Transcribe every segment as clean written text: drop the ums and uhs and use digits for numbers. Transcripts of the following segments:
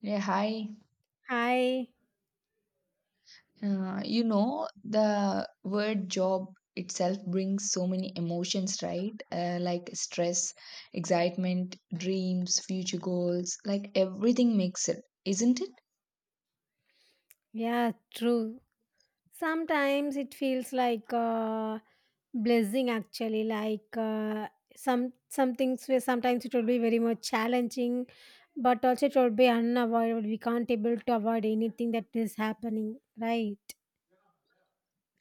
Yeah, hi. Hi. The word job itself brings so many emotions, right? Like stress, excitement, dreams, future goals, like everything makes it, isn't it? Yeah, true. Sometimes it feels like a blessing actually like some some things where sometimes it will be very much challenging but also it will be unavoidable, we can't able to avoid anything that is happening, right.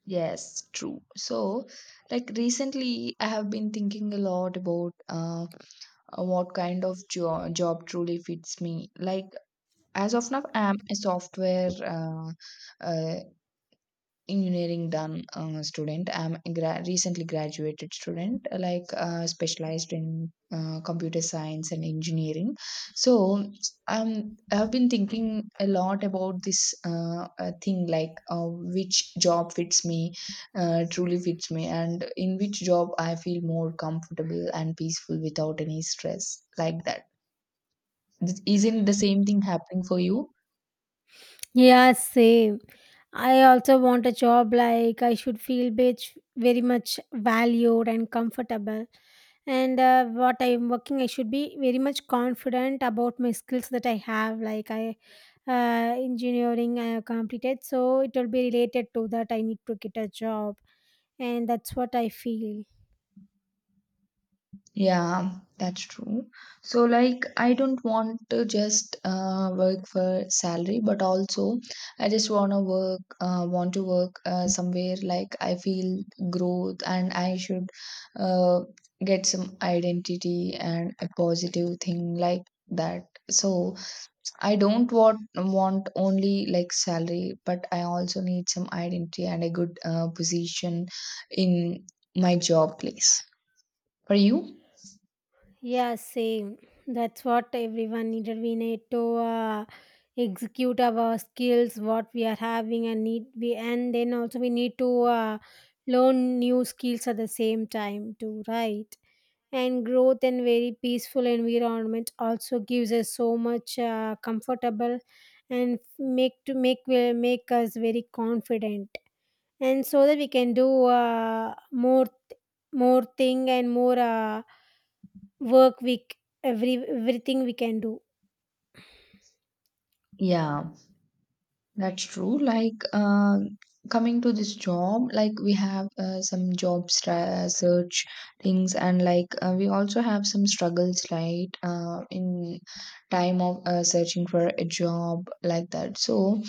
Yes, true. So, like recently, I have been thinking a lot about what kind of job truly fits me. Like, as of now, I'm a software uh, engineering done student. I'm a recently graduated student, specialized in computer science and engineering. So I've been thinking a lot about this thing, which job fits me, truly fits me, and in which job I feel more comfortable and peaceful without any stress like that. Isn't the same thing happening for you? Yeah, same. I also want a job like I should feel bitch very much valued and comfortable. And what I'm working, I should be very much confident about my skills that I have. Like I, engineering I have completed, so it will be related to that. I need to get a job, and that's what I feel. Yeah, that's true. So, like, I don't want to just work for salary, but also I just wanna work, want to work somewhere like I feel growth, and I should uh, get some identity and a positive thing like that. So, I don't want only like salary, but I also need some identity and a good position in my job place. For you? Yeah, same. That's what everyone needed. We need to execute our skills, what we are having, and need we, and then also we need to learn new skills at the same time too, right? And growth and very peaceful environment also gives us so much comfortable and make to make us very confident, and so that we can do more thing and more. Work week everything we can do Yeah. That's true. Like, coming to this job, like we have some job search things, and like we also have some struggles, right? In time of searching for a job, like that. So,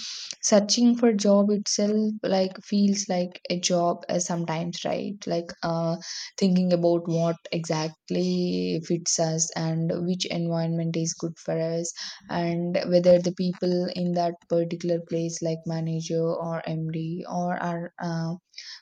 searching for job itself, like feels like a job sometimes, right? Thinking about what exactly fits us and which environment is good for us, and whether the people in that particular place like manager or md or our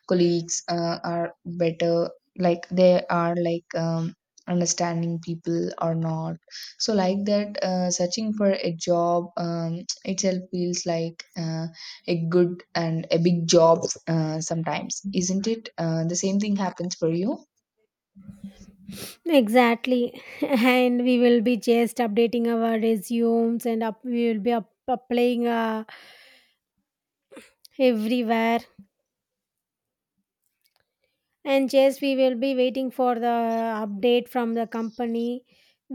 colleagues are better, like they are understanding people or not. So like that, searching for a job itself feels like a good and a big job sometimes, isn't it? Uh, the same thing happens for you? exactly. And we will be just updating our resumes and up we will be up, applying everywhere, and just we will be waiting for the update from the company.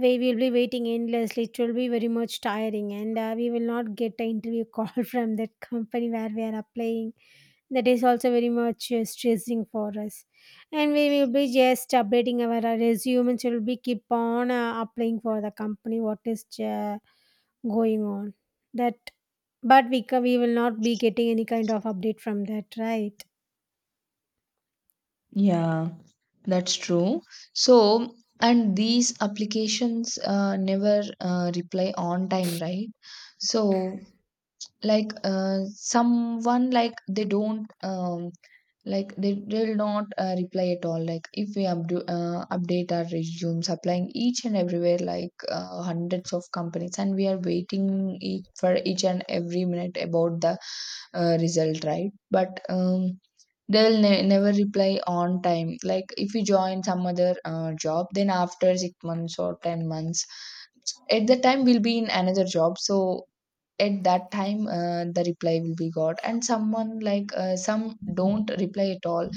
We will be waiting endlessly. It will be very much tiring and we will not get an interview call from that company where we are applying. That is also very much stressing for us. And we will be just updating our resume and will be keep on applying for the company what is uh, going on that, but we we will not be getting any kind of update from that, right? Yeah, that's true. So, and these applications never reply on time, right? So, someone, like they don't like they will not reply at all. Like if we updo update our resumes, applying each and everywhere, like hundreds of companies, and we are waiting for each and every minute about the result, right? But they'll never reply on time. Like if you join some other job, then after 6 months or 10 months, at that time we'll be in another job. So at that time, the reply will be got. And someone, like some don't reply at all.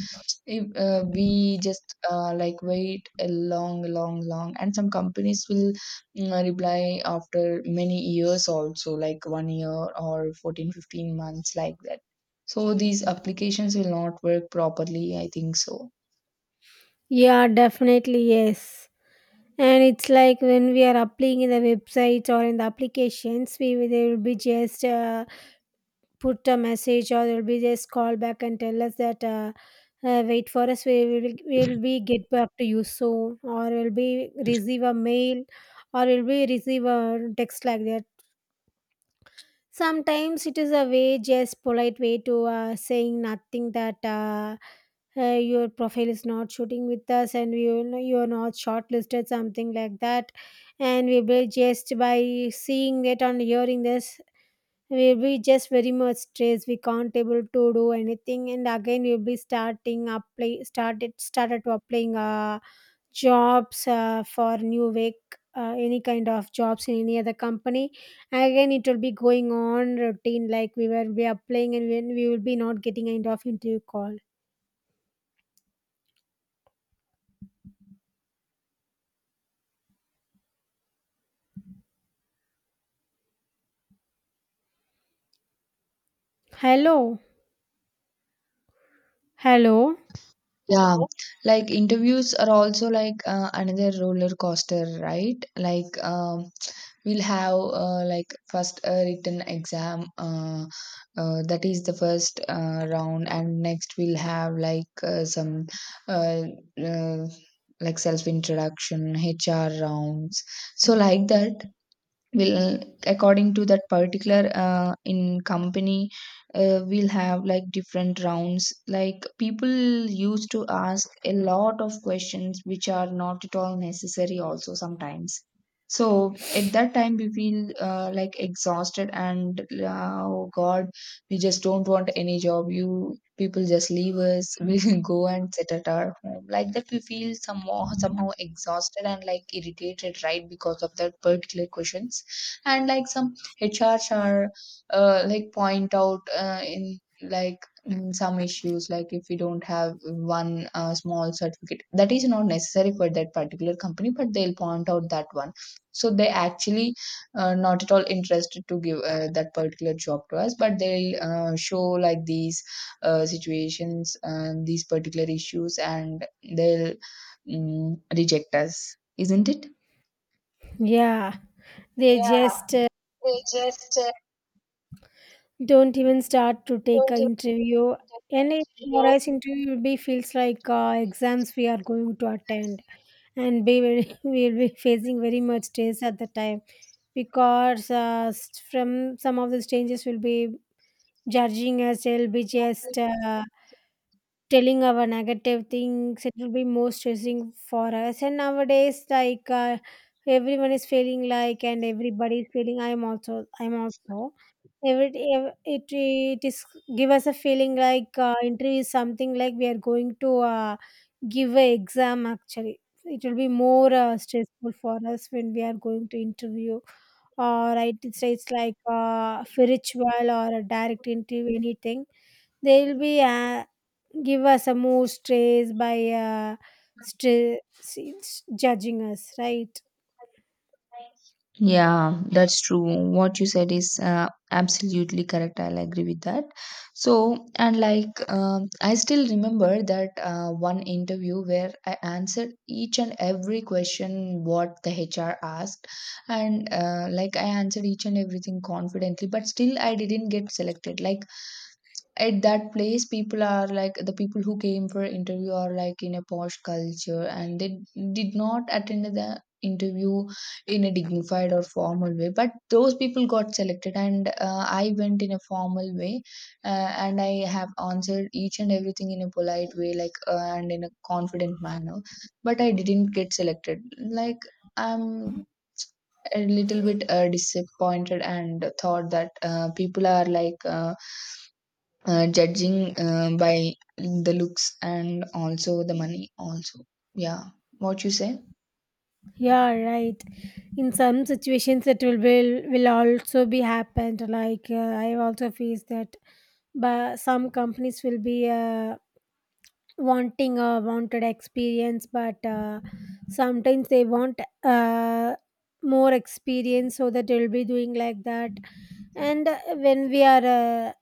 If we just like wait a long and some companies will, reply after many years also, like 1 year or 14, 15 months, like that. So these applications will not work properly, I think so. Yeah, definitely, yes. And it's like when we are applying in the websites or in the applications we will- they will be just put a message, or they'll be just call back and tell us that wait for us, we will be get back to you soon, or we'll be receive a mail or we'll be receive a text like that. Sometimes it is a way just polite way to saying nothing that your profile is not shooting with us and we will know you're not shortlisted something like that. And we will just by seeing that and hearing this we'll be just very much stressed. We can't able to do anything and again we'll be starting apply started to applying jobs for new week, any kind of jobs in any other company. Again it will be going on routine like we will be applying and when we will be not getting kind of interview call. Hello? Hello? Yeah, like interviews are also like another roller coaster, right? We'll have like first a written exam, that is the first round. And next we'll have like some uh, uh, like self introduction, hr rounds. So like that will, according to that particular in company, we'll have like different rounds. Like people used to ask a lot of questions which are not at all necessary also sometimes. So at that time we feel like exhausted and oh god, we just don't want any job, you people just leave us. We'll go and sit at our home, like that we feel somehow exhausted and like irritated, right? Because of that particular questions. And like some HRs are like point out in like in some issues. Like if we don't have one small certificate that is not necessary for that particular company, but they'll point out that one. So they actually not at all interested to give that particular job to us, but they'll show like these situations and these particular issues, and they'll reject us, isn't it? Yeah, they just So don't even start to take an interview. Any morais interview will be feels like exams we are going to attend, and be very, we'll be facing very much stress at the time because from some of the strangers will be judging us. They'll be just telling our negative things. It will be more stressing for us. And nowadays, like everyone is feeling like, and everybody is feeling. I'm also. I'm also every, it is give us a feeling like interview is something like we are going to give a exam. Actually, it will be more stressful for us when we are going to interview. Or right, it's like spiritual or a direct interview, anything. They will be give us a more stress by stress judging us, right? yeah, that's true. What you said is absolutely correct. I'll agree with that. So, and like, I still remember that one interview where I answered each and every question what the HR asked, and I answered each and everything confidently, but still I didn't get selected. Like, at that place people are like, the people who came for interview are like in a posh culture, and they did not attend the interview in a dignified or formal way, but those people got selected. And I went in a formal way, and I have answered each and everything in a polite way, and in a confident manner, but I didn't get selected. Like, I'm a little bit disappointed and thought that people are judging by the looks and also the money also. Yeah, what you say? Yeah, right. In some situations, it will also be happened. Like I have also faced that, but some companies will be wanting a wanted experience, but sometimes they want more experience, so that they will be doing like that. And when we are uh,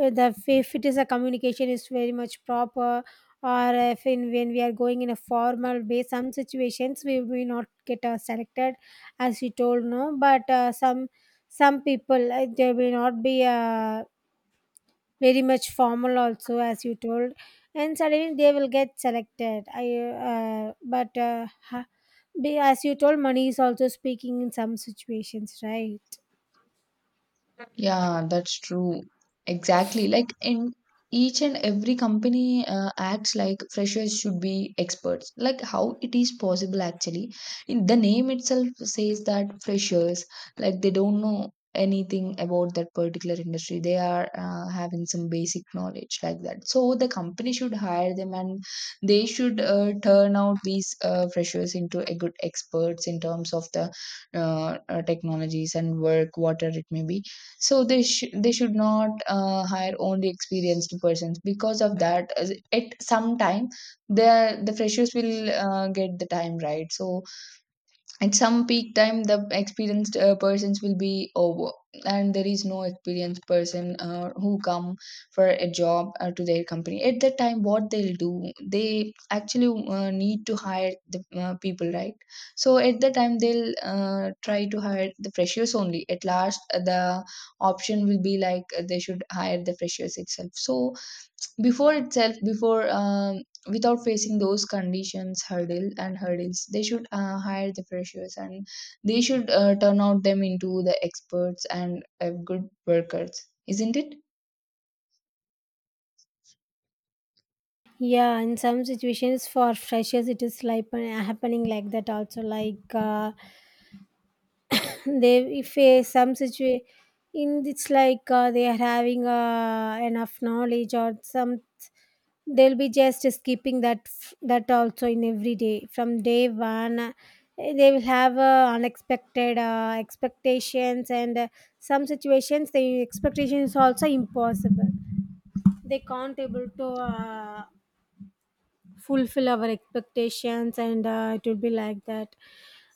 uh, the if it is a communication is very much proper, or if in when we are going in a formal way some situations we may not get selected as you told no, but some people they will not be very much formal also as you told, and suddenly they will get selected. I uh, but uh, ha- be as you told money is also speaking in some situations, right? Yeah, that's true. Exactly. Like in each and every company, acts like freshers should be experts. Like how it is possible actually? In the name itself says that freshers, like they don't know anything about that particular industry. They are having some basic knowledge like that. So the company should hire them, and they should turn out these freshers into a good experts in terms of the technologies and work, whatever it may be. So they they should not hire only experienced persons, because of that, at some time the freshers will get the time, right? So at some peak time the experienced persons will be over, and there is no experienced person who come for a job to their company. At that time, what they'll do? They actually need to hire the people, right? So at that time they'll try to hire the freshers only. At last the option will be like they should hire the freshers itself. So before without facing those conditions, hurdle and hurdles, they should hire the freshers, and they should turn out them into the experts and good workers, isn't it? Yeah, in some situations for freshers it is like happening like that also like they if some situation in it's like they are having enough knowledge or some, they'll be just skipping that that also in every day from day one they will have unexpected expectations, and some situations the expectation is also impossible. They can't able to fulfill our expectations and it will be like that.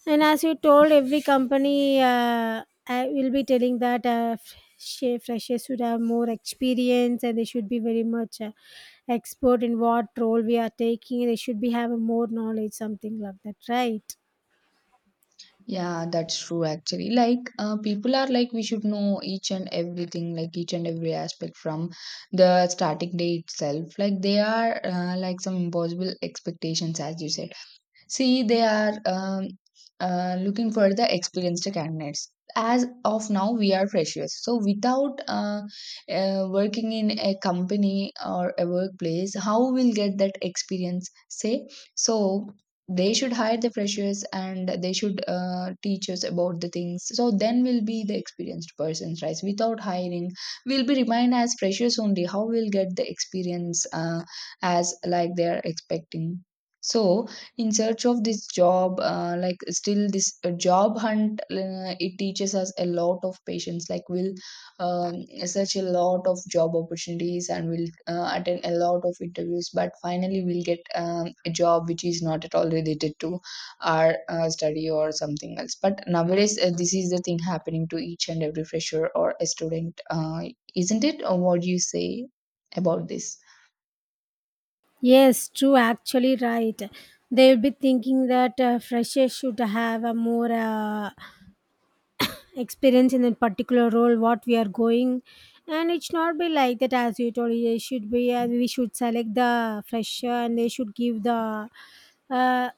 And as you told every company I will be telling that freshers should have more experience and they should be very much expert in what role we are taking, they should be have more knowledge something like that, right? Yeah, that's true actually. Like, people are like we should know each and everything, like each and every aspect from the starting day itself. Like they are some impossible expectations, as you said. See, they are looking for the experienced candidates. As of now, we are freshers. So, without working in a company or a workplace, how we'll get that experience? Say, so they should hire the freshers and they should teach us about the things. So, then we'll be the experienced persons, right? Without hiring, we'll be remain as freshers only. How we'll get the experience as like they are expecting? So, in search of this job, still this job hunt, it teaches us a lot of patience. Like we'll um, search a lot of job opportunities and we'll attend a lot of interviews, but finally we'll get a job which is not at all related to our study or something else. But nowadays this is the thing happening to each and every fresher or a student, isn't it? Or what do you say about this? Yes, true, actually, right. They will be thinking that freshers should have a more experience in that particular role what we are going. And it should not be like that, as you told, it should be we should select the fresher and they should give the uh,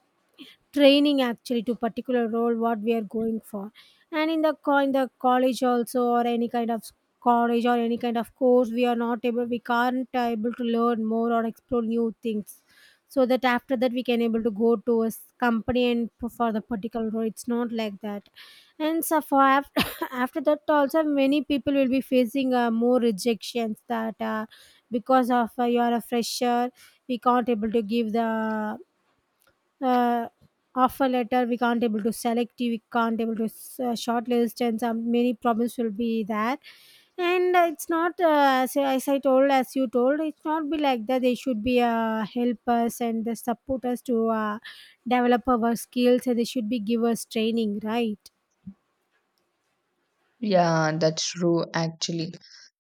training actually to particular role what we are going for. And in the in the college also, or any kind of college or any kind of course, we are not able, we can't able to learn more or explore new things, so that after that we can able to go to a company and for the particular role, it's not like that. And so for after, after that also many people will be facing more rejections that because of you are a fresher we can't able to give the uh, offer letter, we can't able to select you, we can't able to shortlist and some many problems will be there. And it's not as I told, as you told, it's not be like that. They should be help us and they support us to develop our skills and they should be give us training, right? Yeah, that's true actually.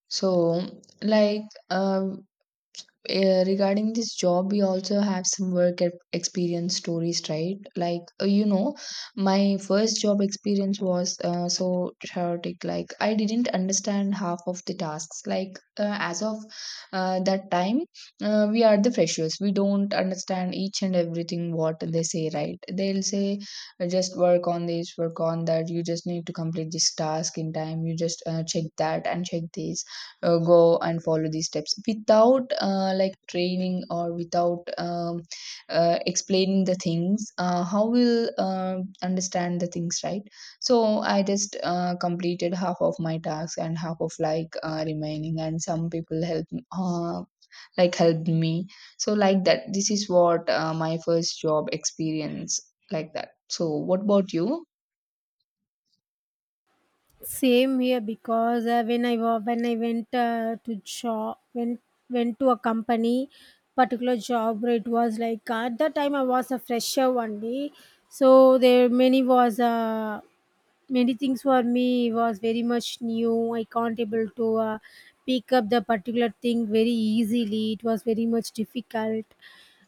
So, like, um, regarding this job, we also have some work experience stories, right? Like, my first job experience was so chaotic. Like, I didn't understand half of the tasks. Like, as of that time, we are the freshers. We don't understand each and everything what they say, right? They'll say, just work on this, work on that. You just need to complete this task in time. You just check that and check this, go and follow these steps without like training or without explaining the things. Uh, how will understand the things, right? So I just completed half of my tasks, and half of like remaining and some people uh, helped me. So like that, this is what my first job experience like that. So what about you? Same here because when I when I went to job went to a company particular job where it was like at that time I was a fresher only. So there many was many things for me was very much new. I can't able to pick up the particular thing very easily, it was very much difficult.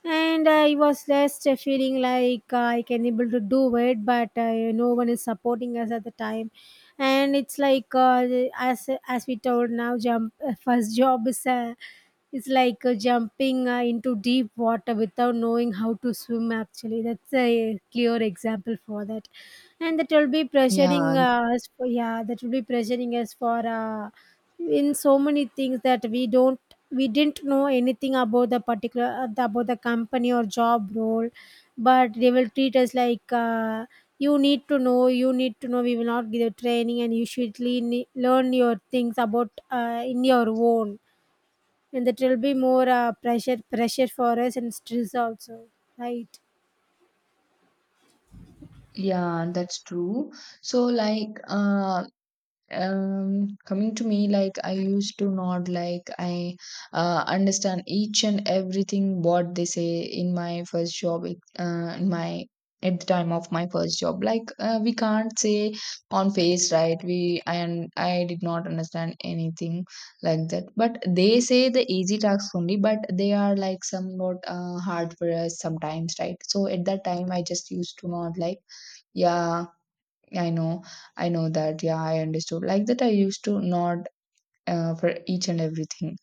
And I was just feeling like I can able to do it but no one is supporting us at the time. And it's like as we told now jump first job is like jumping into deep water without knowing how to swim, actually that's a clear example for that. And that will be pressuring Yeah, us for, yeah that will be pressuring us for in so many things that we don't we didn't know anything about the particular about the company or job role, but they will treat us like you need to know, you need to know. We will not give you training, and you should learn your things about in your own. And that will be more pressure for us and stress also, right? yeah, that's true. So like, coming to me, like I used to not like, I understand each and everything what they say in my first job, in my at the time of my first job. Like, we can't say on face, right? We, and I did not understand anything, like that. But they say the easy tasks only, but they are like somewhat hard for us sometimes, right? So at that time I just used to not like, yeah, I know, I know that. Yeah, I understood. Like that, I used to nod for each and everything.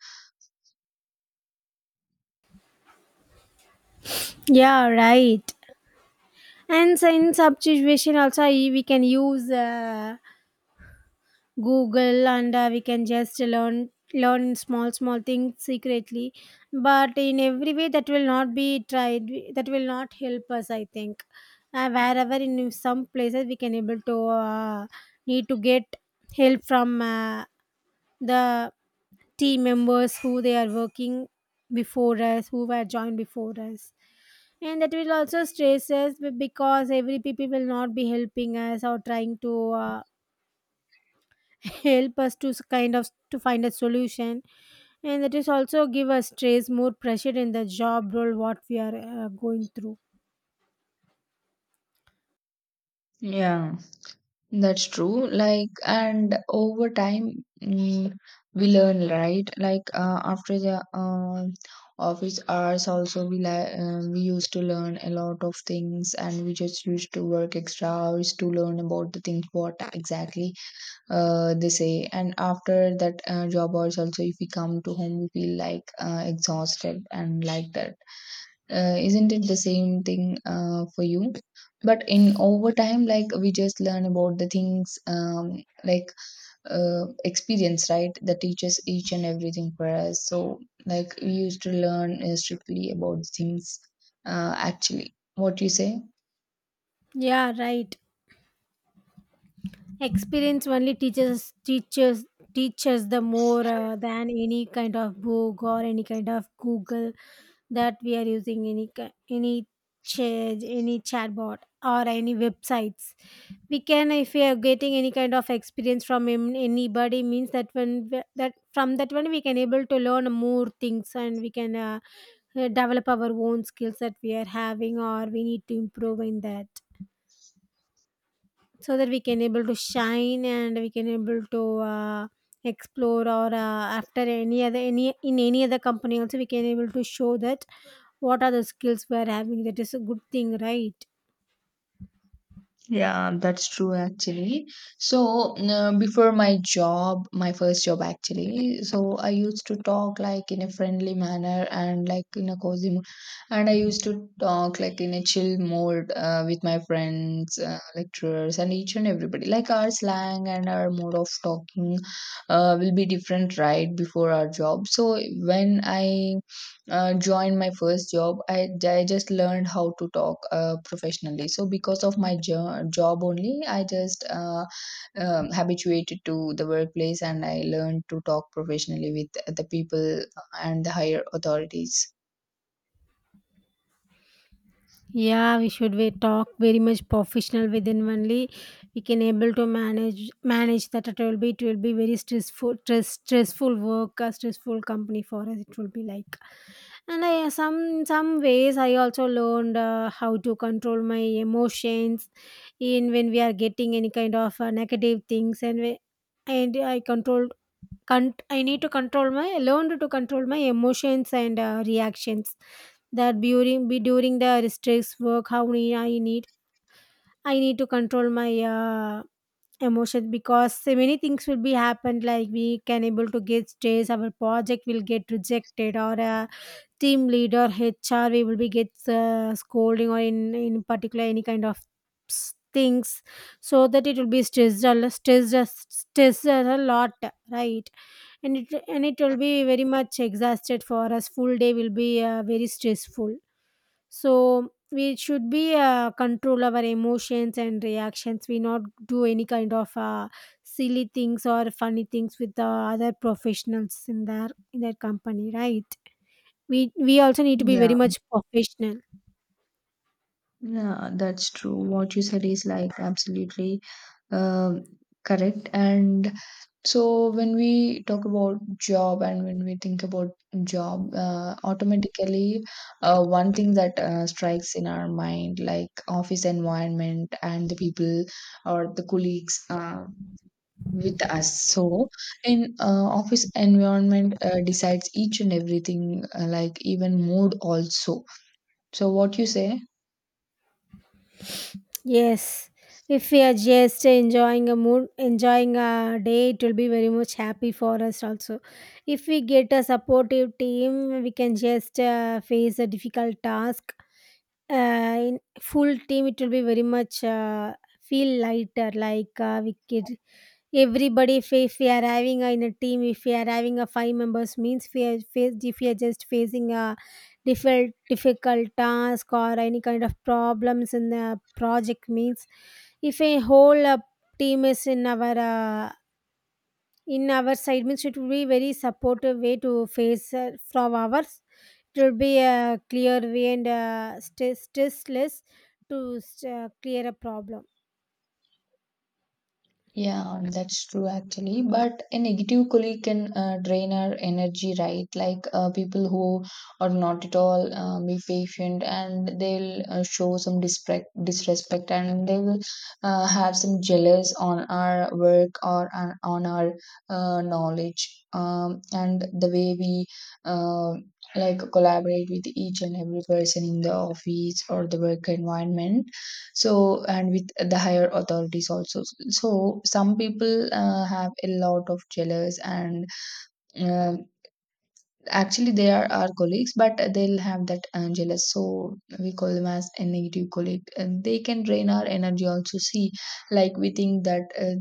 Yeah, right. And so in such situation also we can use Google and we can just learn learn small small things secretly, but in every way that will not be tried, that will not help us, I think. Wherever in some places we can able to need to get help from the team members who they are working before us, who were joined before us. And that will also stress us because every people will not be helping us or trying to help us to kind of to find a solution. And that is also give us stress more pressure in the job role what we are going through. Yeah. That's true. Like, and over time, mm, we learn, right? Like, after the office hours, also we used to learn a lot of things, and we just used to work extra hours to learn about the things what exactly they say. And after that job hours, also if we come to home, we feel like exhausted and like that, isn't it the same thing for you? But in over time like we just learn about the things, like experience, right? That teaches each and everything for us. So like we used to learn strictly about things, actually, what you say? Yeah, right. Experience only teaches the more than any kind of book or any kind of Google that we are using, any ki- any chat any chatbot or any websites. We can, if we are getting any kind of experience from anybody, means that from that one we can able to learn more things, and we can develop our own skills that we are having or we need to improve in that, so that we can able to shine and we can able to explore or after any other any in any other company also we can able to show that what are the skills we are having. That is a good thing, right? Yeah, that's true actually. So, before my job, my first job actually, so I used to talk like in a friendly manner and like in a cozy mood. And I used to talk like in a chill mode with my friends, lecturers, and each and everybody. Like our slang and our mode of talking will be different right before our job. So, when I joined my first job, I just learned how to talk professionally. So because of my job only, I just habituated to the workplace and I learned to talk professionally with the people and the higher authorities. Yeah, we talk very much professional. Within only we can able to manage that. It will be very stressful work, a stressful company for us. It will be like, and I, some ways I also learned how to control my emotions in when we are getting any kind of negative things. And we, and I control Cont I need to control my learned to control my emotions and reactions. That during be During the stress work, how many I need to control my emotions, because so many things will be happened. Like, we can able to get stress, our project will get rejected, or a team leader, HR, we will be get scolding, or in particular any kind of things, so that it will be stressed a lo- stressed a- stressed a lot, right? And it will be very much exhausted for us. Full day will be very stressful. So we should be control our emotions and reactions. We not do any kind of silly things or funny things with the other professionals in their company, right? we we also need to be Yeah, very much professional. yeah, that's true. What you said is like absolutely Um, correct. And so when we talk about job and when we think about job, automatically one thing that strikes in our mind, like office environment and the people or the colleagues with us. So in office environment decides each and everything, like even mood also. So what you say? Yes, if we are just enjoying a mood, enjoying a day, it will be very much happy for us also. If we get a supportive team, we can just face a difficult task. Uh, in full team, it will be very much feel lighter. Like we could everybody, if we are having a, in a team, if we are having a five members means, if we are faced if we are just facing a difficult task or any kind of problems in the project means, if a whole team is in our side means, it will be very supportive way to face from ours. It will be a clear way and stressless to clear a problem. Yeah, that's true actually. But a negative colleague can drain our energy, right? Like people who are not at all be patient, and they'll show some disrespect, and they will have some jealous on our work, or on our knowledge. And the way we uh, like collaborate with each and every person in the office or the work environment, so and with the higher authorities also. So some people have a lot of jealous, and uh, actually, they are our colleagues, but they'll have that jealous. So we call them as a negative colleague. And they can drain our energy also. See, like we think that,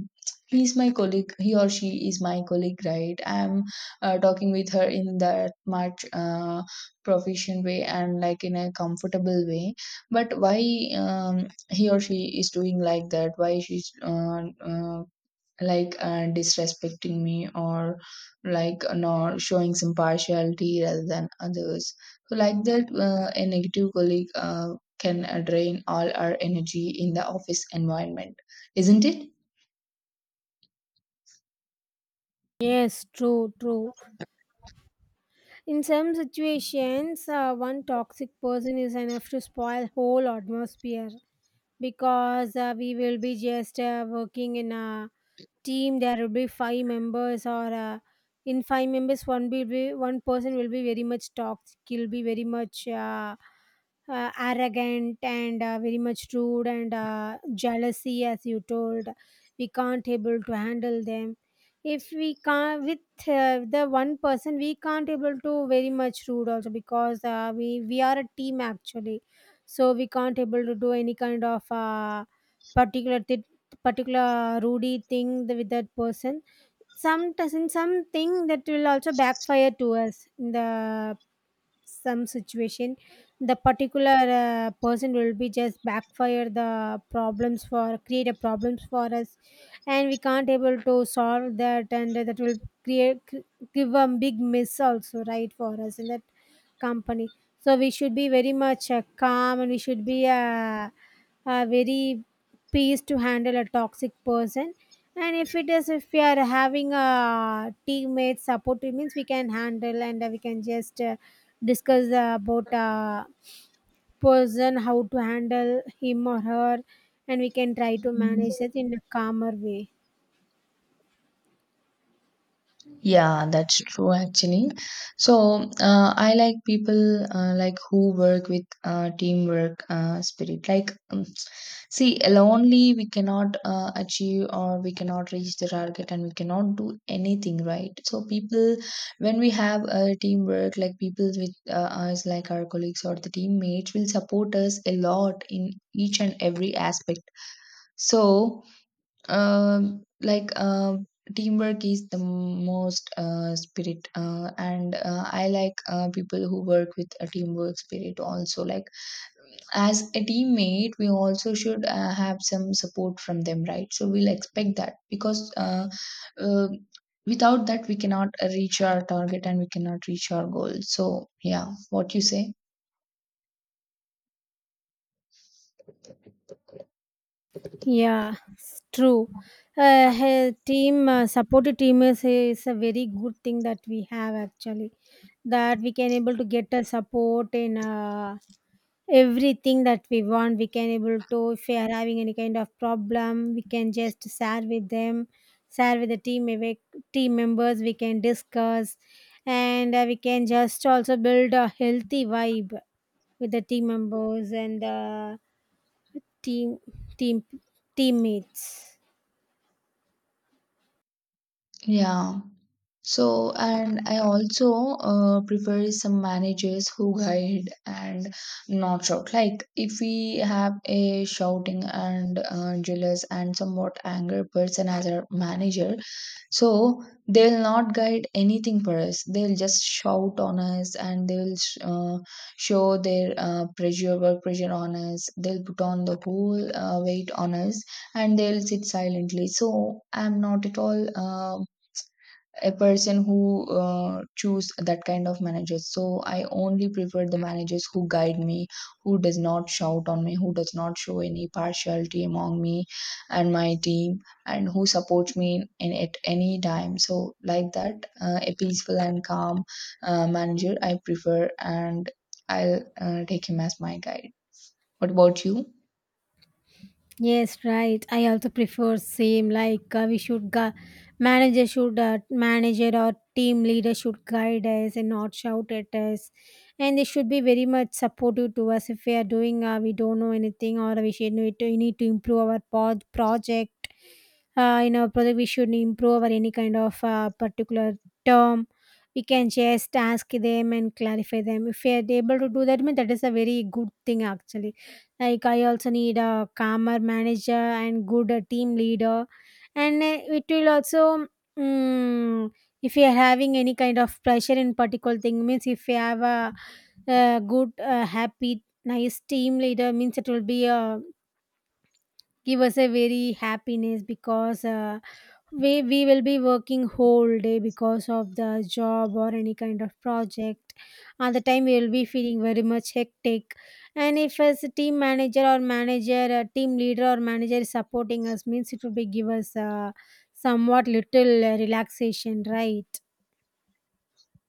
he's my colleague, he or she is my colleague, right? I'm talking with her in that much proficient way and like in a comfortable way. But why he or she is doing like that? Why she's like disrespecting me, or like not showing some partiality rather than others? So, like that, a negative colleague can drain all our energy in the office environment, isn't it? True. In some situations, one toxic person is enough to spoil whole atmosphere, because we will be just working in a team. There will be five members, or in five members, one person will be very much toxic. He'll be very much arrogant and very much rude, and jealousy, as you told. We can't able to handle them. If we can't with the one person, we can't able to very much rude also, because we are a team actually. So we can't able to do any kind of particular particular Rudy thing with that person. Sometimes in something that will also backfire to us in the some situation. The particular person will be just backfire the problems for create a problems for us, and we can't able to solve that, and that will create cr- give a big miss also, right, for us in that company. So we should be very much calm, and we should be very peace to handle a toxic person. And if it is, if we are having a teammate support, it means we can handle, and we can just discuss about person, how to handle him or her, and we can try to manage it in a calmer way. Yeah, that's true actually. So I like people like who work with teamwork spirit. Like, see, lonely we cannot achieve, or we cannot reach the target, and we cannot do anything, right? So people, when we have a teamwork, like people with us, like our colleagues or the teammates, will support us a lot in each and every aspect. So, um like uh, teamwork is the most spirit, and I like people who work with a teamwork spirit also. Like as a teammate we also should have some support from them, right? So we'll expect that, because uh, without that we cannot reach our target and we cannot reach our goal. So yeah, what you say? Yeah, it's true. He- team Supportive team is a very good thing that we have actually, that we can able to get a support in everything that we want. We can able to, if we are having any kind of problem, we can just share with them, share with the team ev- team members. We can discuss, and we can just also build a healthy vibe with the team members and the team team teammates. Yeah, so and I also prefer some managers who guide and not shout. Like if we have a shouting and jealous and somewhat angry person as our manager, so they'll not guide anything for us. They'll just shout on us, and they'll show their pressure, work pressure on us. They'll put on the whole weight on us, and they'll sit silently. So I'm not at all a person who choose that kind of managers. So I only prefer the managers who guide me, who does not shout on me, who does not show any partiality among me and my team, and who supports me in at any time. So like that, a peaceful and calm manager I prefer, and I'll take him as my guide. What about you? Yes, right. I also prefer same. Like manager should, manager or team leader should guide us and not shout at us, and they should be very much supportive to us. If we are doing we don't know anything, or we should need to, we need to improve our project. In our project, we should improve our any kind of particular term. We can just ask them and clarify them. If we are able to do that, mean that is a very good thing actually. Like, I also need a calmer manager and good team leader. And it will also, mm, if you are having any kind of pressure in particular thing means, if you have a, good happy nice team leader means, it will be give us a very happiness. Because we will be working whole day because of the job or any kind of project. At the time we will be feeling very much hectic. And if as a team manager, or manager, a team leader or manager is supporting us means, it will be give us somewhat little relaxation, right?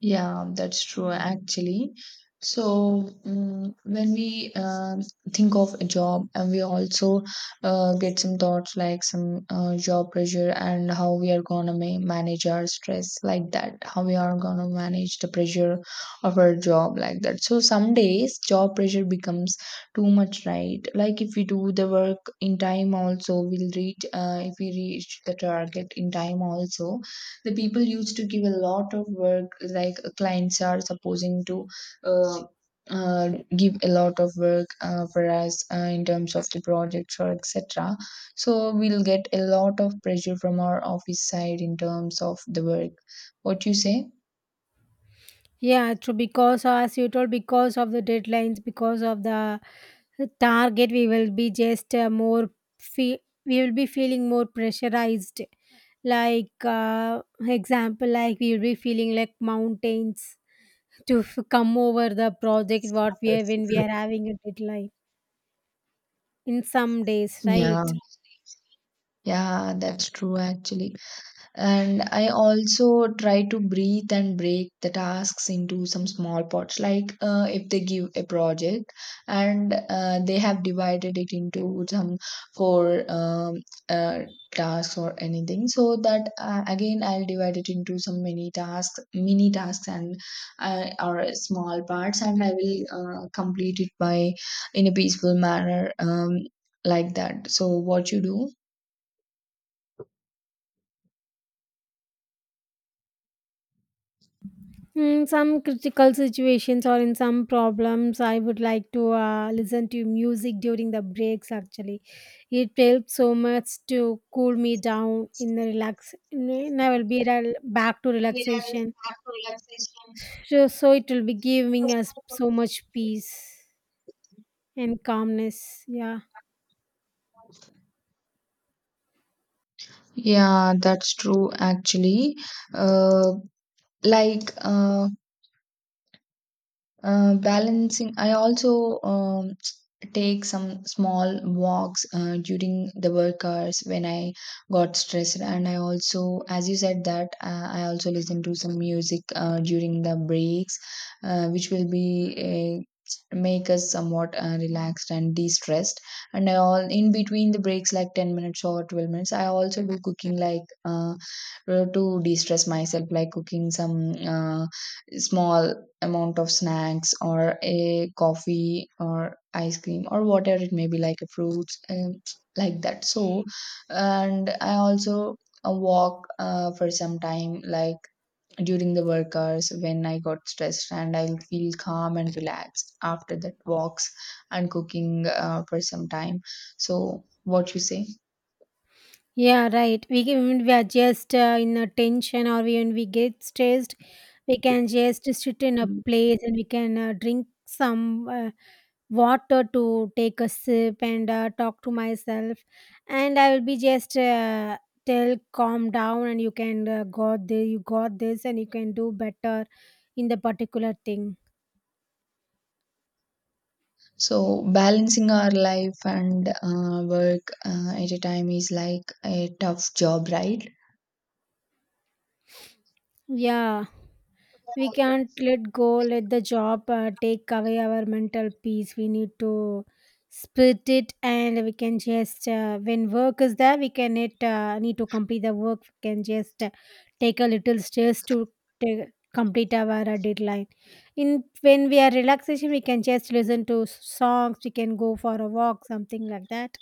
Yeah, that's true actually. So, when we think of a job, and we also get some thoughts like some job pressure, and how we are gonna manage our stress, like that, how we are gonna manage the pressure of our job, like that. So, some days job pressure becomes too much, right? Like, if we do the work in time, also, we'll reach, if we reach the target in time, also the people used to give a lot of work. Like clients are supposing to uh, uh, give a lot of work for us in terms of the projects or etc. So we'll get a lot of pressure from our office side in terms of the work. What you say? Yeah, true. Because as you told, because of the deadlines, because of the target, we will be just we will be feeling more pressurized. Like example, like we will be feeling like mountains to come over the project what we have, when we are having a deadline in some days, Yeah. right? Yeah, that's true actually. And I also try to breathe and break the tasks into some small parts. Like if they give a project, and they have divided it into some four, uh, tasks or anything, so that again I'll divide it into some mini tasks, and or small parts, and I will complete it by in a peaceful manner, like that. So what you do? Some critical situations or in some problems, I would like to listen to music during the breaks. Actually, it helps so much to cool me down in the relax. And I will be back to relaxation. So, so it will be giving us so much peace and calmness. Yeah, Yeah, that's true actually. Uh, like, balancing, I also take some small walks during the work hours when I got stressed. And I also, as you said, that I also listen to some music during the breaks, which will be make us somewhat relaxed and de-stressed. And I all in between the breaks like 10 minutes or 12 minutes I also do cooking like, to de-stress myself. Like cooking some small amount of snacks, or a coffee or ice cream or whatever it may be, like a fruits and like that. So and I also walk for some time, like during the work hours when I got stressed, and I feel calm and relaxed after that walks and cooking for some time. So what you say? yeah, right. We can, when we are just in a tension or when we get stressed, we can just sit in a Mm. place and we can drink some water, to take a sip and talk to myself. And I will be just tell calm down, and you can got this, you got this, and you can do better in the particular thing. So balancing our life and work at a time is like a tough job, right? Yeah. We can't let go, let the job take away our mental peace. We need to split it, and we can just, when work is there, we need to complete the work. We can just take a little stress to take, complete our deadline. In When we are relaxation, we can just listen to songs, we can go for a walk, something like that.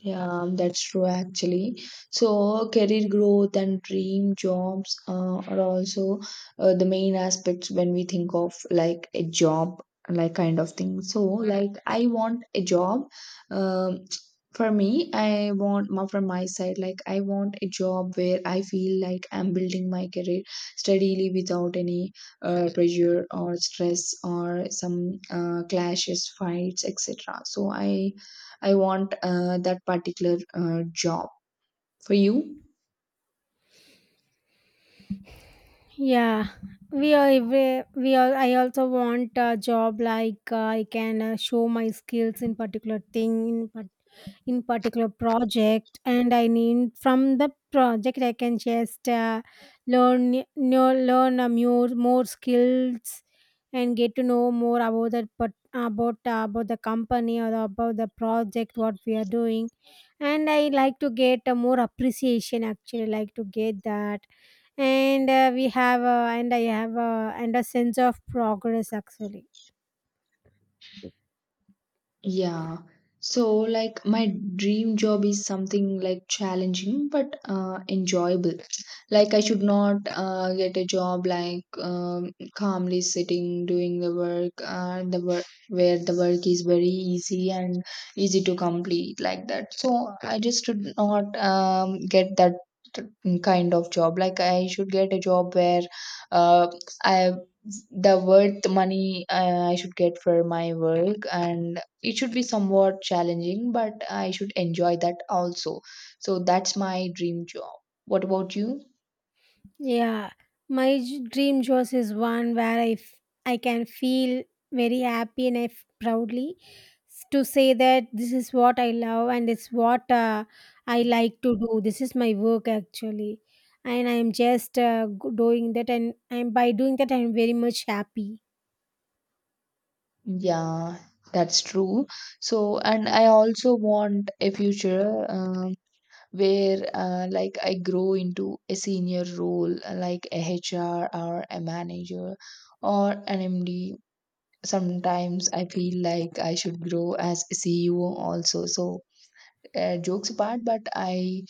Yeah, that's true actually. So, career growth and dream jobs are also the main aspects when we think of like a job, like kind of thing. So, like, I want a job. Um, for me, I want more from my side. Like, I want a job where I feel like I'm building my career steadily without any pressure or stress or some clashes, fights, etc. So, I want that particular job. For you? Yeah, we are. We are. I also want a job like I can show my skills in particular thing, in particular project, and I need from the project I can just learn know, learn a more skills and get to know more about that, but about the company or about the project what we are doing. And I like to get a more appreciation actually, like to get that. And we have and I have and a sense of progress actually. Yeah. So, like, my dream job is something like challenging but enjoyable. Like, I should not get a job like, calmly sitting doing the work, and the work where the work is very easy and easy to complete, like that. So, I just should not get that kind of job. Like, I should get a job where uh, I the worth money I should get for my work, and it should be somewhat challenging, but I should enjoy that also. So that's my dream job. What about you? Yeah, my dream job is one where I can feel very happy, and I proudly to say that this is what I love, and it's what I like to do. This is my work actually, and I'm just doing that, and I'm by doing that I'm very much happy. Yeah, that's true. So, and I also want a future, where like I grow into a senior role, like a HR or a manager, or an MD. Sometimes I feel like I should grow as a CEO also. So, jokes apart, but I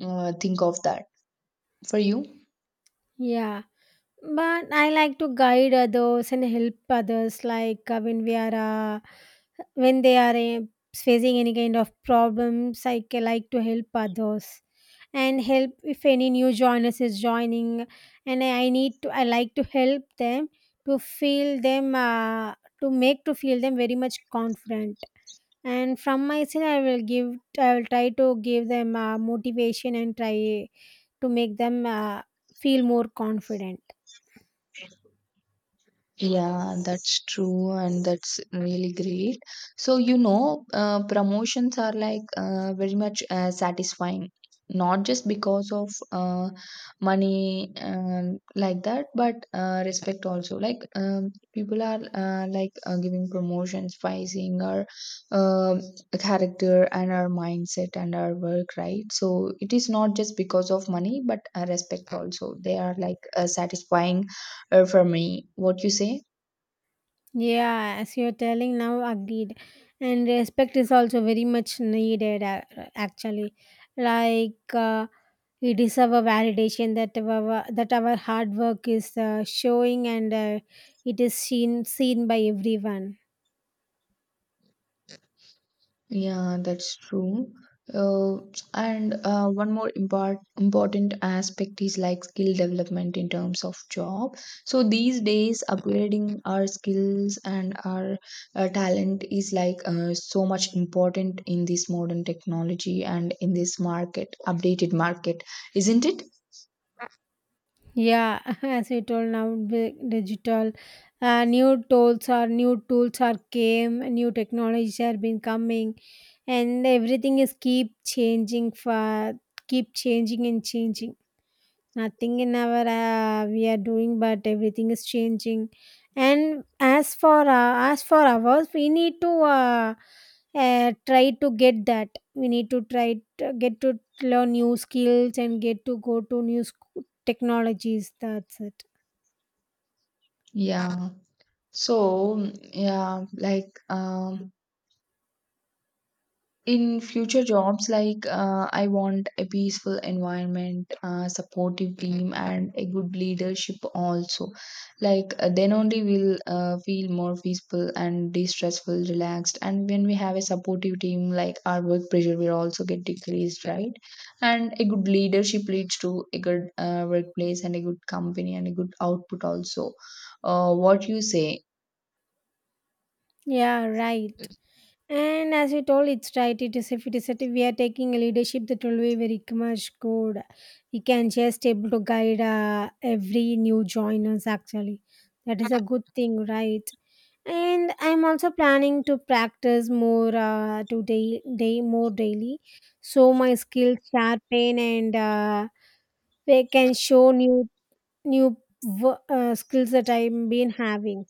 think of that. For you? Yeah. But I like to guide others and help others. Like when they are facing any kind of problems, like to help others, and help if any new joiners is joining. And I need to, I like to help them to feel them, to feel them very much confident. And from my side, I will try to give them motivation, and try to make them feel more confident. Yeah, that's true, and that's really great. So, you know, promotions are like very much satisfying, not just because of money, like that, but respect also. Like, people are like giving promotions by seeing our um character and our mindset and our work, right? So, it is not just because of money, but respect also. They are like satisfying for me. What you say? Yeah, as you're telling now, agreed. And respect is also very much needed, actually. Like, we deserve a validation that our hard work is showing, and it is seen by everyone. Yeah, that's true. Uh, and one more important aspect is like skill development in terms of job. So these days, upgrading our skills and our talent is like so much important in this modern technology and in this market, updated market, isn't it? Yeah, as you told now, the digital new tools are, came, new technologies are been coming, and everything is keep changing, and changing. Nothing in our we are doing, but everything is changing. And as for ours, we need to uh, try to get that we need to try to get to learn new skills and get to go to new technologies. That's it. Yeah. So, yeah, like, in future jobs like I want a peaceful environment, supportive team, and a good leadership also. Like then only we'll feel more peaceful and de-stressful, relaxed. And when we have a supportive team, like our work pressure will also get decreased, right? And a good leadership leads to a good workplace and a good company and a good output also. What you say? Yeah, right. And as you told, it's right. It is, if it is that we are taking a leadership, that will be very much good. We can just able to guide every new joiners. Actually, that is a good thing, right? And I'm also planning to practice more today, day more daily, so my skills sharpen, and they can show new skills that I've been having.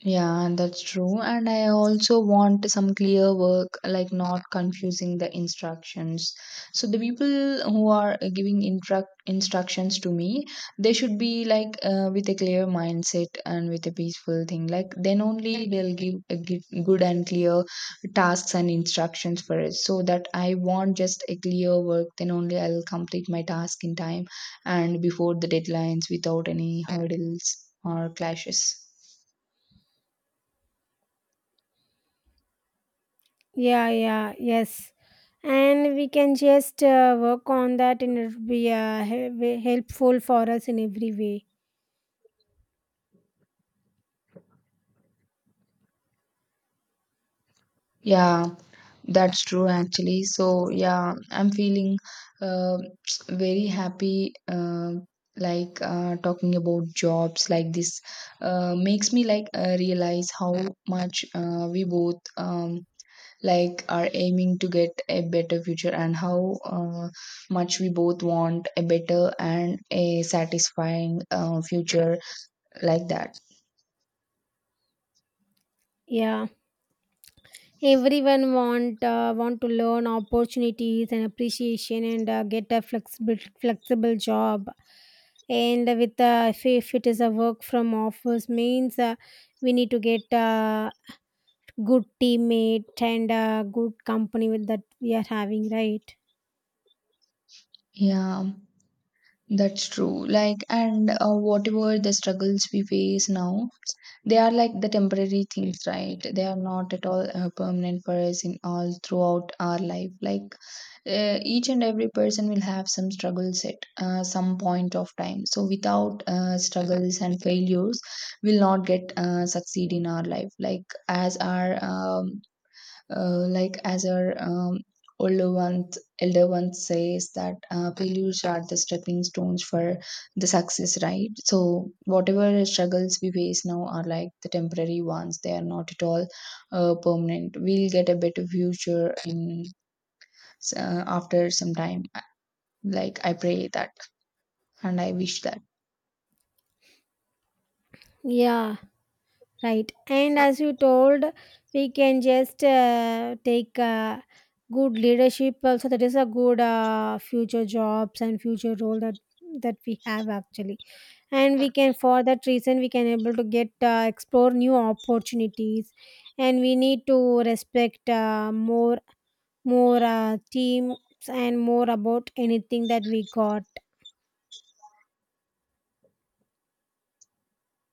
Yeah, that's true. And I also want some clear work, like not confusing the instructions. So the people who are giving instructions to me, they should be like with a clear mindset and with a peaceful thing. Like then only they'll give give good and clear tasks and instructions for it. So that I want just a clear work. Then only I'll complete my task in time, and before the deadlines without any hurdles or clashes. Yeah, yeah, yes. And we can just work on that, and it'll be helpful for us in every way. Yeah, that's true actually. So, yeah, I'm feeling uh, very happy like talking about jobs like this makes me like realize how much we both, like are aiming to get a better future, and how much we both want a better and a satisfying future, like that. Yeah, everyone want to learn opportunities and appreciation, and get a flexible job. And with if it is a work from office means, we need to get good teammate and good company with that we are having, right? Yeah. That's true. Like, and whatever the struggles we face now, they are like the temporary things, right? They are not at all permanent for us in all throughout our life. Like, each and every person will have some struggles at some point of time. So, without struggles and failures, we'll not get succeed in our life. Like, as our uh, like as our um, older ones elder ones says that failures are the stepping stones for the success, right? So whatever struggles we face now are like the temporary ones. They are not at all permanent. We'll get a better future in after some time. Like I pray that, and I wish that. Yeah, right. And as you told, we can just take good leadership also. That is a good future jobs and future role that we have actually. And we can, for that reason, we can able to get explore new opportunities. And we need to respect more teams, and more about anything that we got.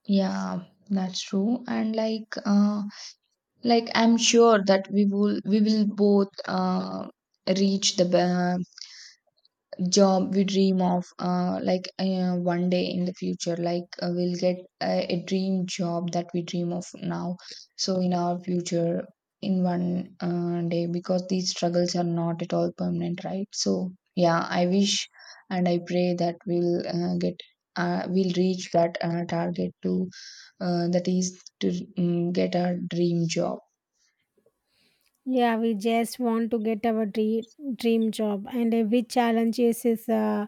Yeah, that's true. And like I'm sure that we will both reach the job we dream of like one day in the future. Like we'll get a dream job that we dream of now. So in our future, in one day, because these struggles are not at all permanent, right? So yeah, I wish and I pray that we'll get we'll reach that target to that is to, get a dream job. Yeah, we just want to get our dream job. And every challenge is,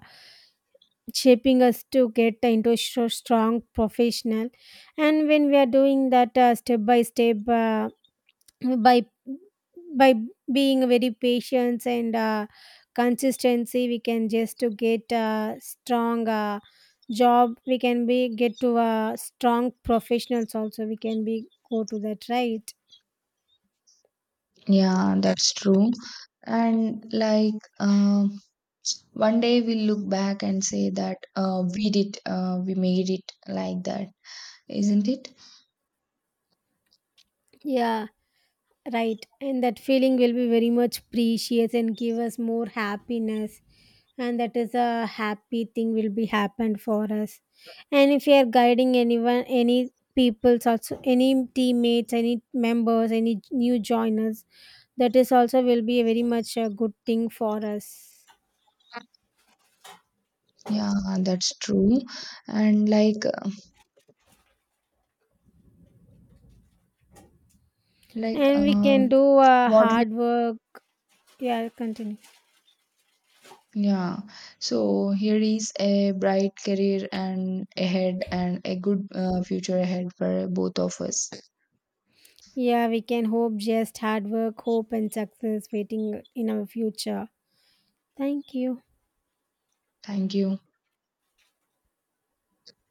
shaping us to get into so strong professional. And when we are doing that step by step, by by being very patient and consistency, we can just to get a strong job we can be get to a strong professionals also, we can be go to that, right? Yeah, that's true. And like, one day we'll look back and say that we made it, like that, isn't it? Yeah, right. And that feeling will be very much precious, and give us more happiness, and that is a happy thing will be happened for us. And if you are guiding anyone, any people's also, any teammates, any members, any new joiners, that is also will be a very much a good thing for us. Yeah, that's true. And like, like, And we can um, do what we, hard work. Yeah, continue. yeah. So here is a bright career and ahead, and a good future ahead for both of us. Yeah, we can hope, just hard work, hope, and success waiting in our future. Thank you. Thank you.